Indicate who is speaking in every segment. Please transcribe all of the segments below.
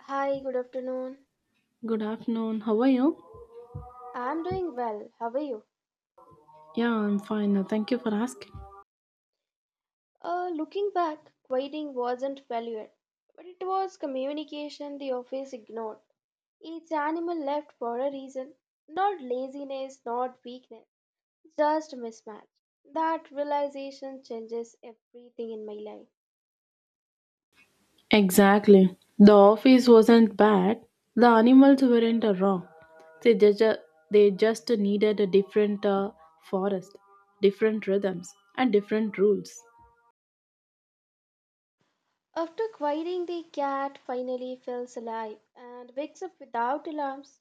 Speaker 1: Hi, good afternoon.
Speaker 2: Good afternoon. How are you?
Speaker 1: I'm doing well. How are you?
Speaker 2: Yeah, I'm fine. Thank you for asking.
Speaker 1: Looking back, quieting wasn't failure, but it was communication the office ignored. Each animal left for a reason. Not laziness, not weakness, just mismatch. That realization changes everything in my life.
Speaker 2: Exactly. The office wasn't bad. The animals weren't wrong. They just, they just needed a different forest, different rhythms, and different rules.
Speaker 1: After quieting, the cat finally feels alive and wakes up without alarms.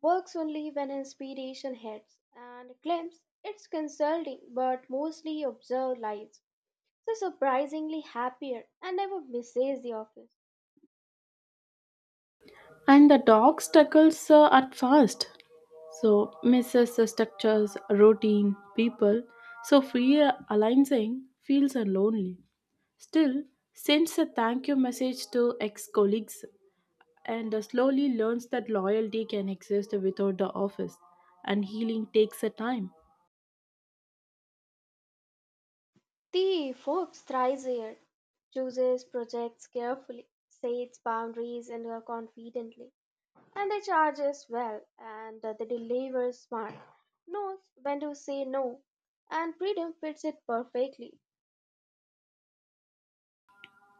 Speaker 1: Works only when inspiration hits and claims it's consulting but mostly observed lives. So surprisingly happier and never misses the office.
Speaker 2: And the dog struggles at first. So misses the structures, routine, people. So free aligning feels lonely. Still, sends a thank you message to ex colleagues and slowly learns that loyalty can exist without the office, and healing takes a time.
Speaker 1: The folks thrives here, chooses projects carefully, sets boundaries and are confidently, and they charges well and they deliver smart, knows when to say no, and freedom fits it perfectly.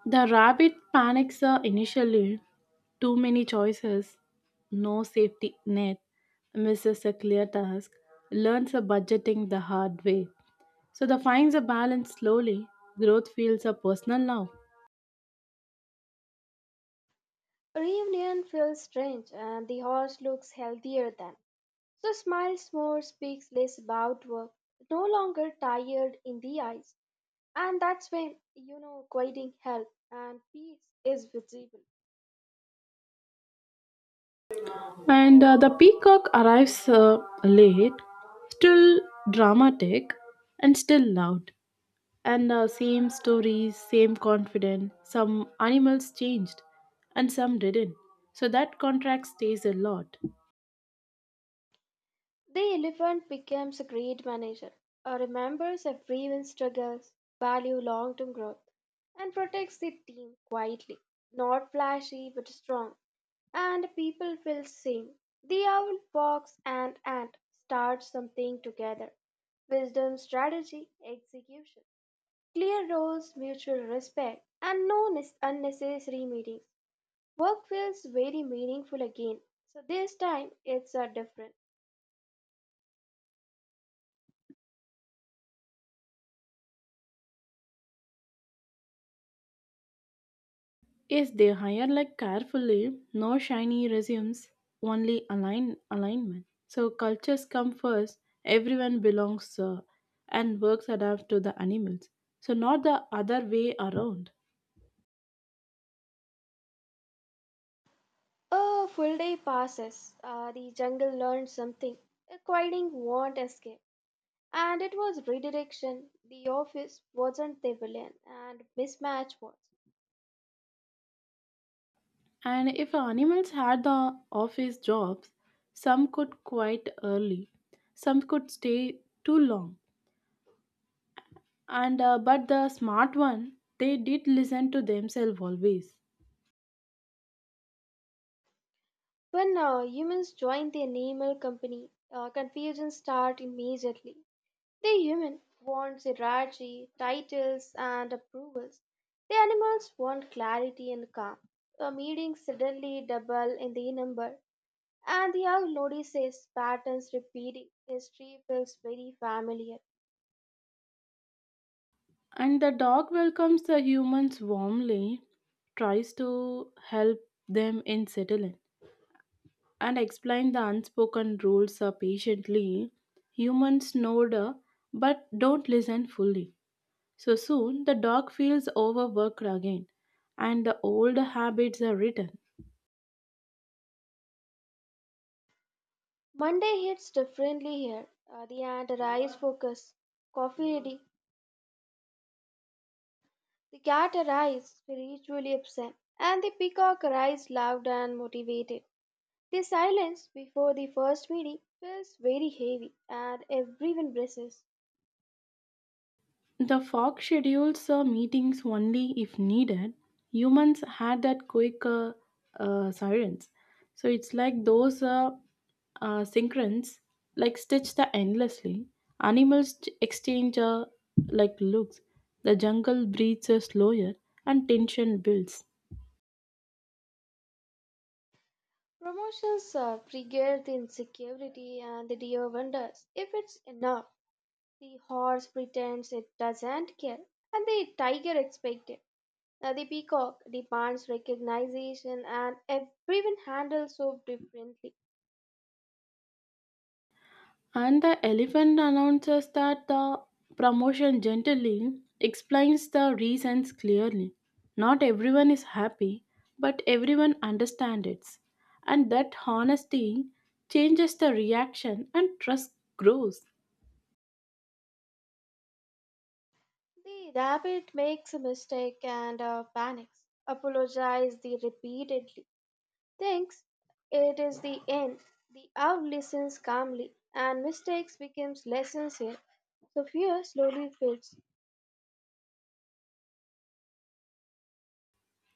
Speaker 2: The rabbit panics initially, too many choices, no safety net, misses a clear task, learns a budgeting the hard way. So the finds a balance slowly, growth feels a personal now.
Speaker 1: Reunion feels strange and the horse looks healthier than. So smiles more, speaks less about work, no longer tired in the eyes. And that's when quieting help and peace is visible.
Speaker 2: And the peacock arrives late, still dramatic and still loud. And same stories, same confidence. Some animals changed and some didn't. So that contract stays a lot.
Speaker 1: The elephant becomes a great manager, remembers everyone's struggles, value long-term growth, and protects the team quietly. Not flashy, but strong and people will sing. The owl, fox, and ant start something together. Wisdom, strategy, execution. Clear roles, mutual respect, and no nes- unnecessary meetings. Work feels very meaningful again. So this time it's a different.
Speaker 2: Yes, they hire like carefully, no shiny resumes, only align alignment. So cultures come first, everyone belongs and works adapt to the animals. So not the other way around.
Speaker 1: A full day passes. The jungle learned something. A quieting won't escape. And it was redirection. The office wasn't the villain, and mismatch was.
Speaker 2: And if animals had the office jobs, some could quite early, some could stay too long and but the smart one they did listen to themselves always.
Speaker 1: When humans join the animal company, confusion starts immediately. The human wants hierarchy, titles, and approvals. The animals want clarity and calm. A meeting suddenly double in the number, and the young notices patterns repeating. History feels very familiar.
Speaker 2: And the dog welcomes the humans warmly, tries to help them in settling and explain the unspoken rules patiently. Humans know the but don't listen fully, so soon the dog feels overworked again and the old habits are written.
Speaker 1: Monday hits differently here. The ant arrives focused, coffee ready. The cat arrives spiritually upset, and the peacock arrives loud and motivated. The silence before the first meeting feels very heavy and everyone braces.
Speaker 2: The fog schedules meetings only if needed. Humans had that quick sirens. So it's like those synchrons like stitch the endlessly. Animals exchange like looks. The jungle breathes slower and tension builds.
Speaker 1: Promotions trigger the insecurity and the deer wonders if it's enough. The horse pretends it doesn't care and the tiger expects it. Now the peacock demands recognition and everyone handles so differently.
Speaker 2: And the elephant announces that the promotion gently explains the reasons clearly. Not everyone is happy, but everyone understands it. And that honesty changes the reaction and trust grows.
Speaker 1: The rabbit makes a mistake and panics. Apologize the repeatedly thinks it is the end. The owl listens calmly, and mistakes becomes lessons here. So fear slowly fades.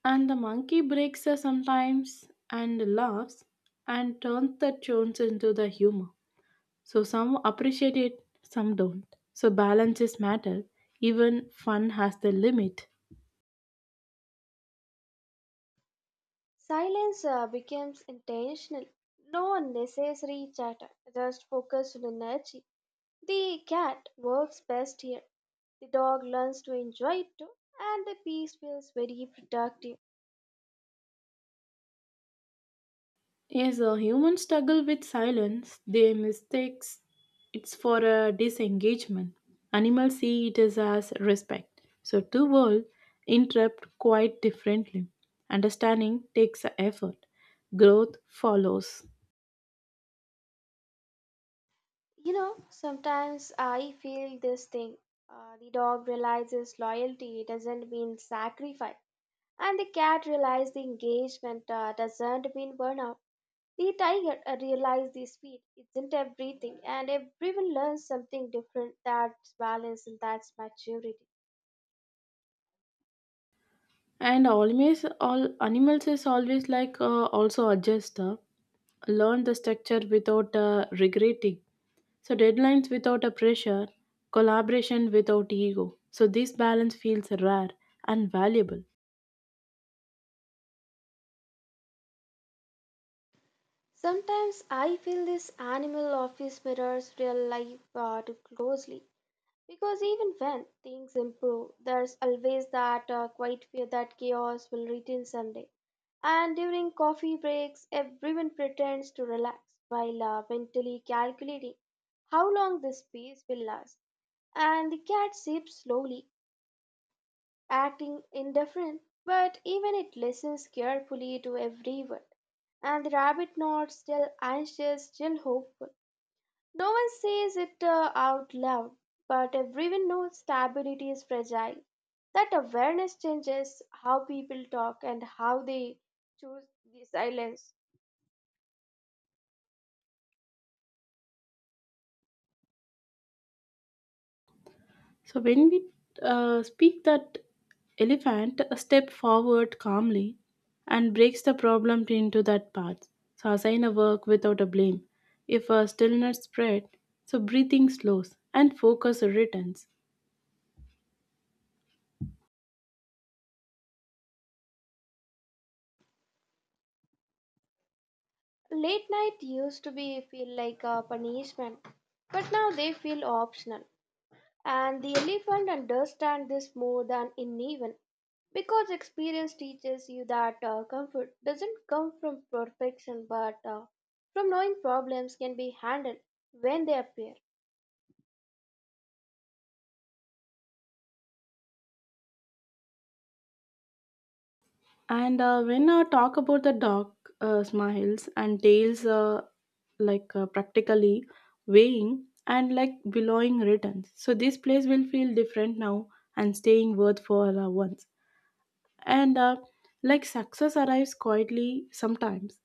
Speaker 2: And the monkey breaks her sometimes and laughs and turns the tones into the humor. So some appreciate it, some don't. So balance is matter. Even fun has the limit.
Speaker 1: Silence becomes intentional. No unnecessary chatter, just focused on energy. The cat works best here. The dog learns to enjoy it too, and the peace feels very productive.
Speaker 2: Yes, humans struggle with silence. They mistakes it's for a disengagement. Animals see it as respect. So two worlds interrupt quite differently. Understanding takes effort. Growth follows.
Speaker 1: You know, sometimes I feel this thing. The dog realizes loyalty doesn't mean sacrifice, and the cat realizes the engagement doesn't mean burnout. The tiger realizes the speed isn't everything, and everyone learns something different. That's balance and that's maturity.
Speaker 2: And always, all animals is always like also adjust, learn the structure without regretting. So deadlines without a pressure, collaboration without ego. So this balance feels rare and valuable.
Speaker 1: Sometimes I feel this animal office mirrors real life too closely. Because even when things improve, there's always that quiet fear that chaos will return someday. And during coffee breaks, everyone pretends to relax while mentally calculating how long this peace will last. And the cat sips slowly, acting indifferent, but even it listens carefully to every word. And the rabbit nods, still anxious, still hopeful. No one says it out loud, but everyone knows stability is fragile. That awareness changes how people talk and how they choose the silence.
Speaker 2: So when we speak that elephant a step forward calmly and breaks the problem into that path. So assign a work without a blame. If a stillness spread, so breathing slows and focus returns.
Speaker 1: Late night used to be feel like a punishment, but now they feel optional. And the elephant understands this more than anyone because experience teaches you that comfort doesn't come from perfection but from knowing problems can be handled when they appear.
Speaker 2: And when I talk about the dog smiles and tails, like practically weighing and like billowing returns. So this place will feel different now and staying worth for once. And like success arrives quietly sometimes.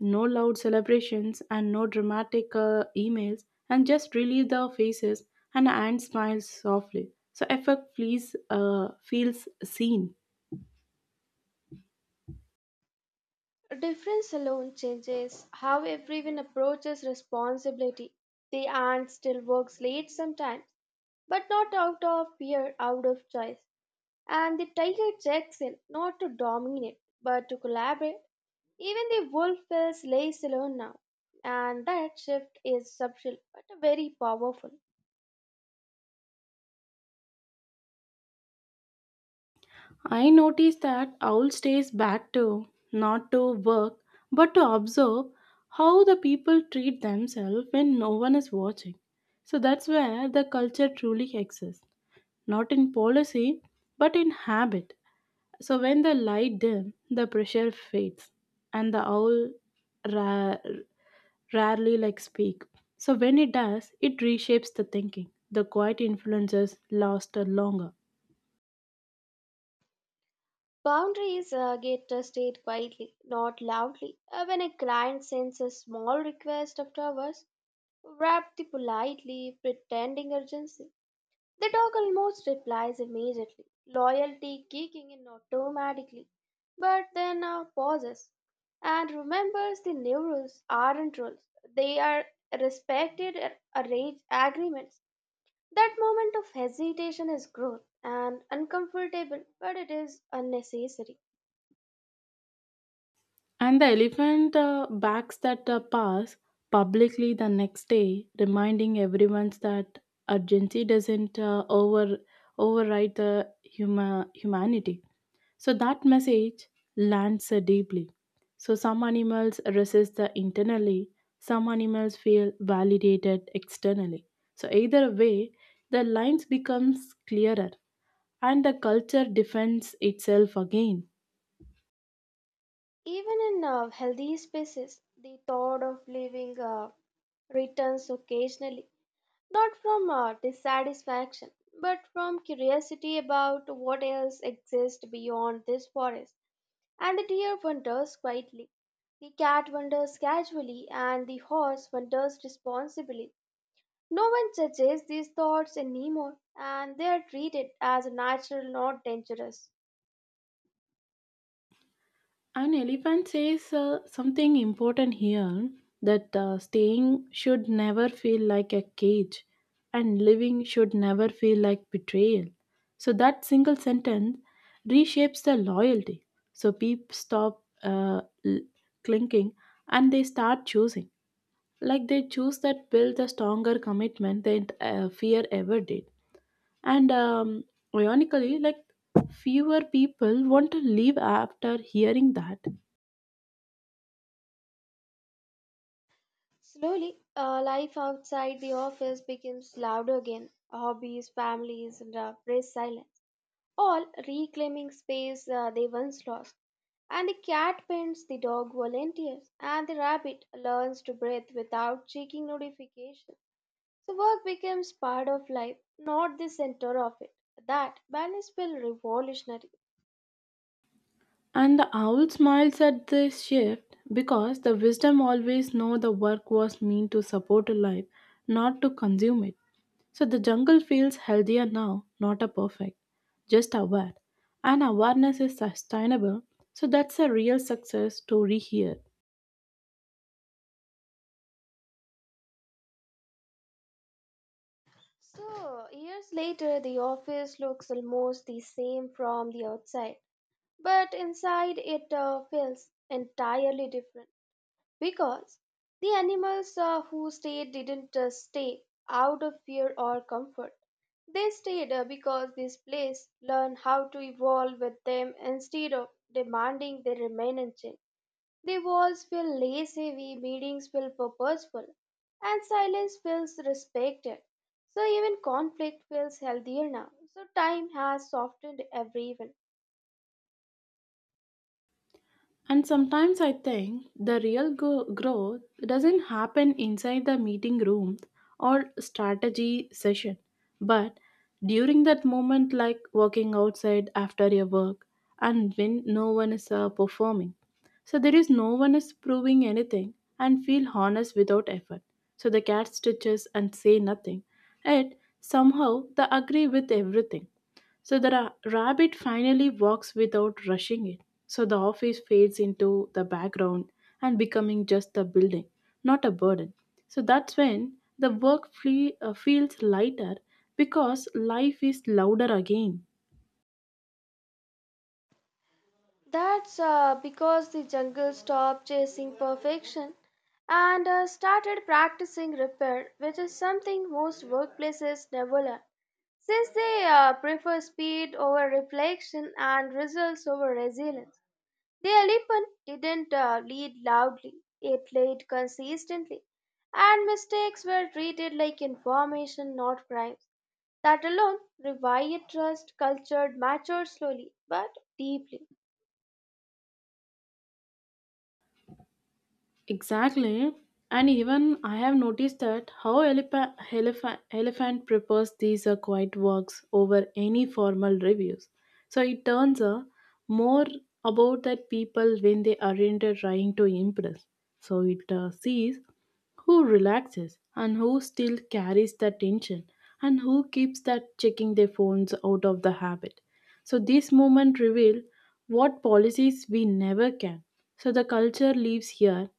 Speaker 2: No loud celebrations and no dramatic emails and just really the faces and Anne smiles softly. So effort please feels seen.
Speaker 1: A Difference alone changes how everyone approaches responsibility. The aunt still works late sometimes, but not out of fear, out of choice. And the tiger checks in, not to dominate, but to collaborate. Even the wolf feels less alone now, and that shift is subtle but very powerful.
Speaker 2: I noticed that owl stays back too, not to work, but to observe how the people treat themselves when no one is watching. So that's where the culture truly exists, not in policy, but in habit. So when the light dim, the pressure fades, and the owl ra- rarely like speak. So when it does, it reshapes the thinking. The quiet influences last longer.
Speaker 1: Boundaries get tested quietly, not loudly. When a client sends a small request after hours, wrapped politely, pretending urgency, the dog almost replies immediately, loyalty kicking in automatically, but then pauses and remembers the new rules aren't rules. They are respected arrange agreements. That moment of hesitation is growth and uncomfortable, but it is unnecessary.
Speaker 2: And the elephant backs that pass publicly the next day, reminding everyone that urgency doesn't override the humanity. So that message lands deeply. So some animals resist the internally, some animals feel validated externally. So either way, the lines becomes clearer and the culture defends itself again.
Speaker 1: Even in healthy spaces, the thought of leaving returns occasionally. Not from dissatisfaction, but from curiosity about what else exists beyond this forest. And the deer wonders quietly, the cat wonders casually, and the horse wonders responsibly. No one judges these thoughts anymore, and they are treated as natural, not dangerous.
Speaker 2: An elephant says something important here that staying should never feel like a cage and living should never feel like betrayal. So that single sentence reshapes the loyalty. So people stop clinking and they start choosing. Like they choose that build a stronger commitment than fear ever did. And Ironically, like fewer people want to leave after hearing that.
Speaker 1: Slowly, life outside the office becomes louder again, hobbies, families, and press silence, all reclaiming space they once lost. And the cat paints, the dog volunteers, and the rabbit learns to breathe without checking notifications. So work becomes part of life, not the center of it. That balance will revolutionary.
Speaker 2: And the owl smiles at this shift because the wisdom always know the work was meant to support a life, not to consume it. So the jungle feels healthier now, not a perfect, just aware. And awareness is sustainable, so that's a real success story here.
Speaker 1: So years later, the office looks almost the same from the outside, but inside it feels entirely different, because the animals who stayed didn't stay out of fear or comfort. They stayed because this place learned how to evolve with them instead of demanding they remain unchanged. The walls feel less heavy, meetings feel purposeful, and silence feels respected. So even conflict feels healthier now. So time has softened everyone.
Speaker 2: And sometimes I think the real growth doesn't happen inside the meeting room or strategy session, but during that moment, like walking outside after your work and when no one is performing. So there is no one is proving anything and feel honest without effort. So the cat stitches and say nothing. Yet somehow they agree with everything. So the rabbit finally walks without rushing it. So the office fades into the background and becoming just a building, not a burden. So that's when the work feels lighter because life is louder again.
Speaker 1: That's because the jungle stopped chasing perfection and started practicing repair, which is something most workplaces never learn. Since they prefer speed over reflection and results over resilience, the elephant didn't lead loudly, it led consistently, and mistakes were treated like information, not crimes. That alone revived trust, cultured, matured slowly but deeply.
Speaker 2: Exactly. And even I have noticed that how elephant prefers these quiet works over any formal reviews. So it turns more about that people when they aren't trying to impress. So it sees who relaxes and who still carries the tension and who keeps that checking their phones out of the habit. So this moment reveal what policies we never can. So the culture lives here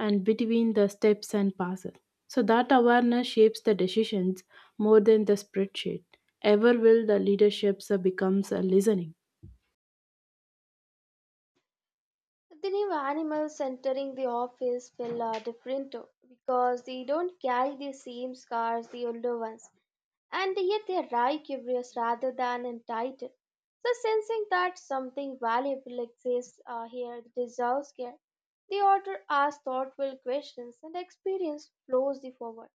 Speaker 2: and between the steps and passes. So that awareness shapes the decisions more than the spreadsheet. Ever will the leadership becomes a listening.
Speaker 1: The new animals entering the office feel different because they don't carry the same scars the older ones, and yet they are right curious rather than entitled. So, sensing that something valuable exists here that deserves care, the author asks thoughtful questions and experience flows the forward.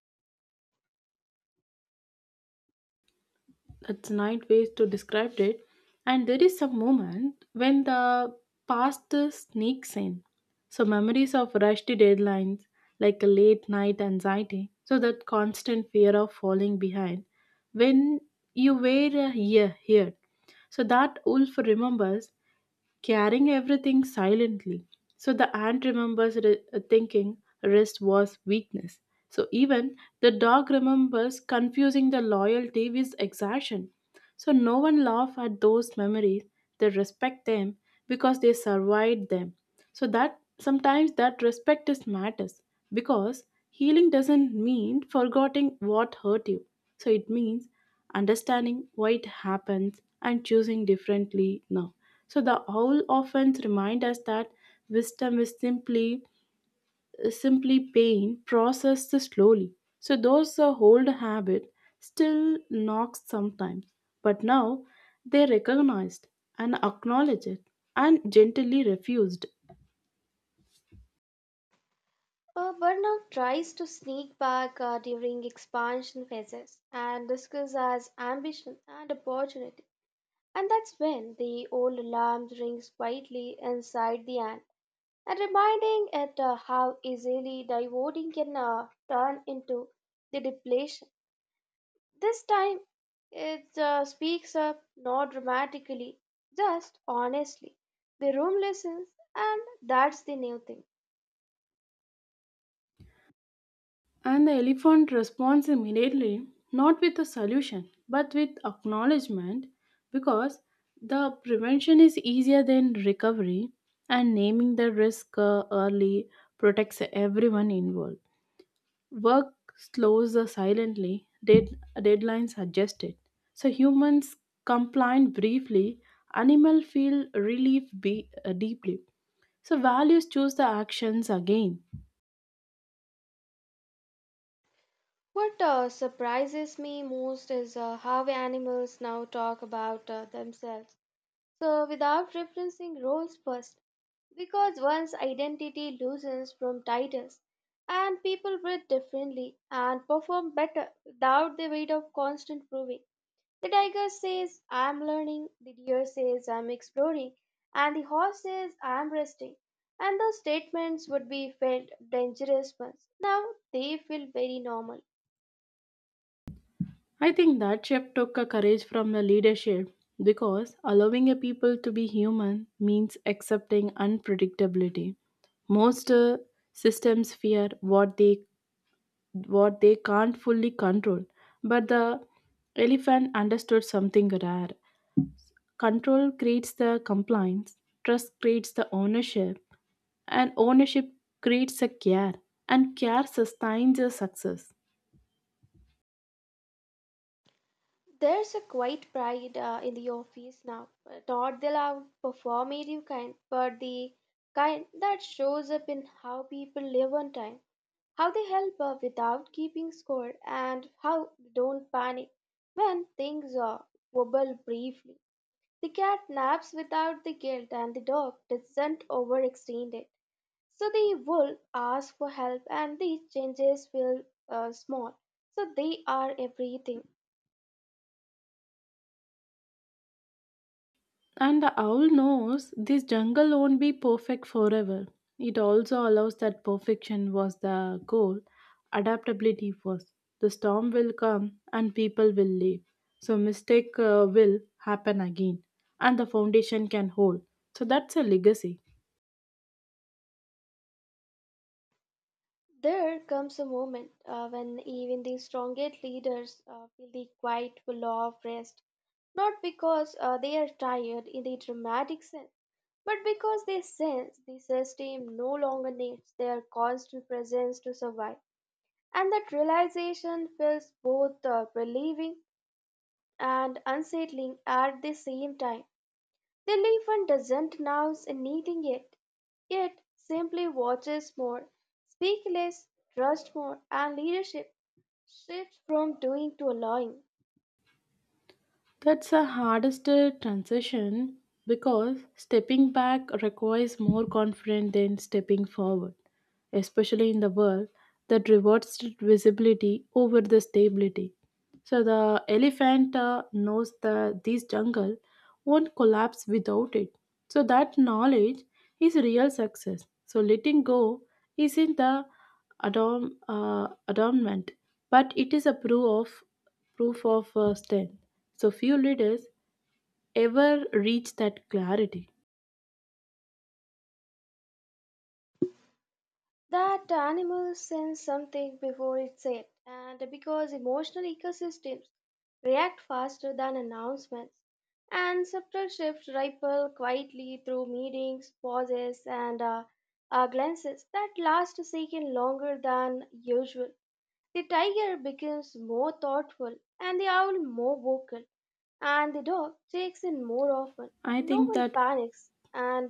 Speaker 2: That's nine ways to describe it. And there is a moment when the past sneaks in. So memories of rushed deadlines, like a late night anxiety, so that constant fear of falling behind. When you were a year here, so that wolf remembers carrying everything silently. So the ant remembers thinking rest was weakness. So even the dog remembers confusing the loyalty with exertion. So no one laugh at those memories. They respect them because they survived them. So that sometimes that respect is matters because healing doesn't mean forgetting what hurt you. So it means understanding why it happens and choosing differently now. So the owl often remind us that wisdom is simply simply pain processed slowly. So those old habit still knocks sometimes, but now they recognized and acknowledge it and gently refused.
Speaker 1: Burnout tries to sneak back during expansion phases and disguises as ambition and opportunity. And that's when the old alarm rings quietly inside the ant and reminding it how easily dividing can turn into the depletion. This time it speaks up not dramatically, just honestly. The room listens, and that's the new thing.
Speaker 2: And the elephant responds immediately, not with a solution, but with acknowledgement, because the prevention is easier than recovery, and naming the risk early protects everyone involved. Work slows us silently, deadlines suggest it. So humans complain briefly, animal feel relief deeply. So values choose the actions again.
Speaker 1: What surprises me most is how animals now talk about themselves, so, without referencing roles first, because one's identity loosens from titles, and people breathe differently and perform better without the weight of constant proving. The tiger says, I am learning, the deer says, I am exploring, and the horse says, I am resting. And those statements would be felt dangerous once. Now they feel very normal.
Speaker 2: I think that shift took a courage from the leadership because allowing a people to be human means accepting unpredictability. Most systems fear what they can't fully control. But the elephant understood something rare. Control creates the compliance, trust creates the ownership, and ownership creates a care, and care sustains a success.
Speaker 1: There's a quiet pride in the office now. Not the loud, performative kind, but the kind that shows up in how people live on time, how they help without keeping score, and how they don't panic when things wobble briefly. The cat naps without the guilt, and the dog doesn't overextend it. So the wolf asks for help, and these changes feel small. So they are everything.
Speaker 2: And the owl knows this jungle won't be perfect forever. It also allows that perfection was the goal, adaptability was. The storm will come and people will leave. So mistake will happen again and the foundation can hold. So that's a legacy.
Speaker 1: There comes a moment when even the strongest leaders feel the quiet law of rest, not because they are tired in the dramatic sense, but because they sense the system no longer needs their constant presence to survive. And that realization feels both relieving and unsettling at the same time. The elephant doesn't announce anything yet. It simply watches more, speak less, trust more, and leadership shifts from doing to allowing.
Speaker 2: That's the hardest transition because stepping back requires more confidence than stepping forward, especially in the world that rewards visibility over the stability. So the elephant knows that this jungle won't collapse without it. So that knowledge is real success. So letting go isn't the adornment, but it is a proof of strength. So few leaders ever reach that clarity.
Speaker 1: That animal sends something before it's said, and because emotional ecosystems react faster than announcements, and subtle shifts ripple quietly through meetings, pauses, and glances that last a second longer than usual. The tiger becomes more thoughtful and the owl more vocal, and the dog checks in more often.
Speaker 2: I
Speaker 1: No
Speaker 2: think
Speaker 1: one
Speaker 2: that
Speaker 1: panics, and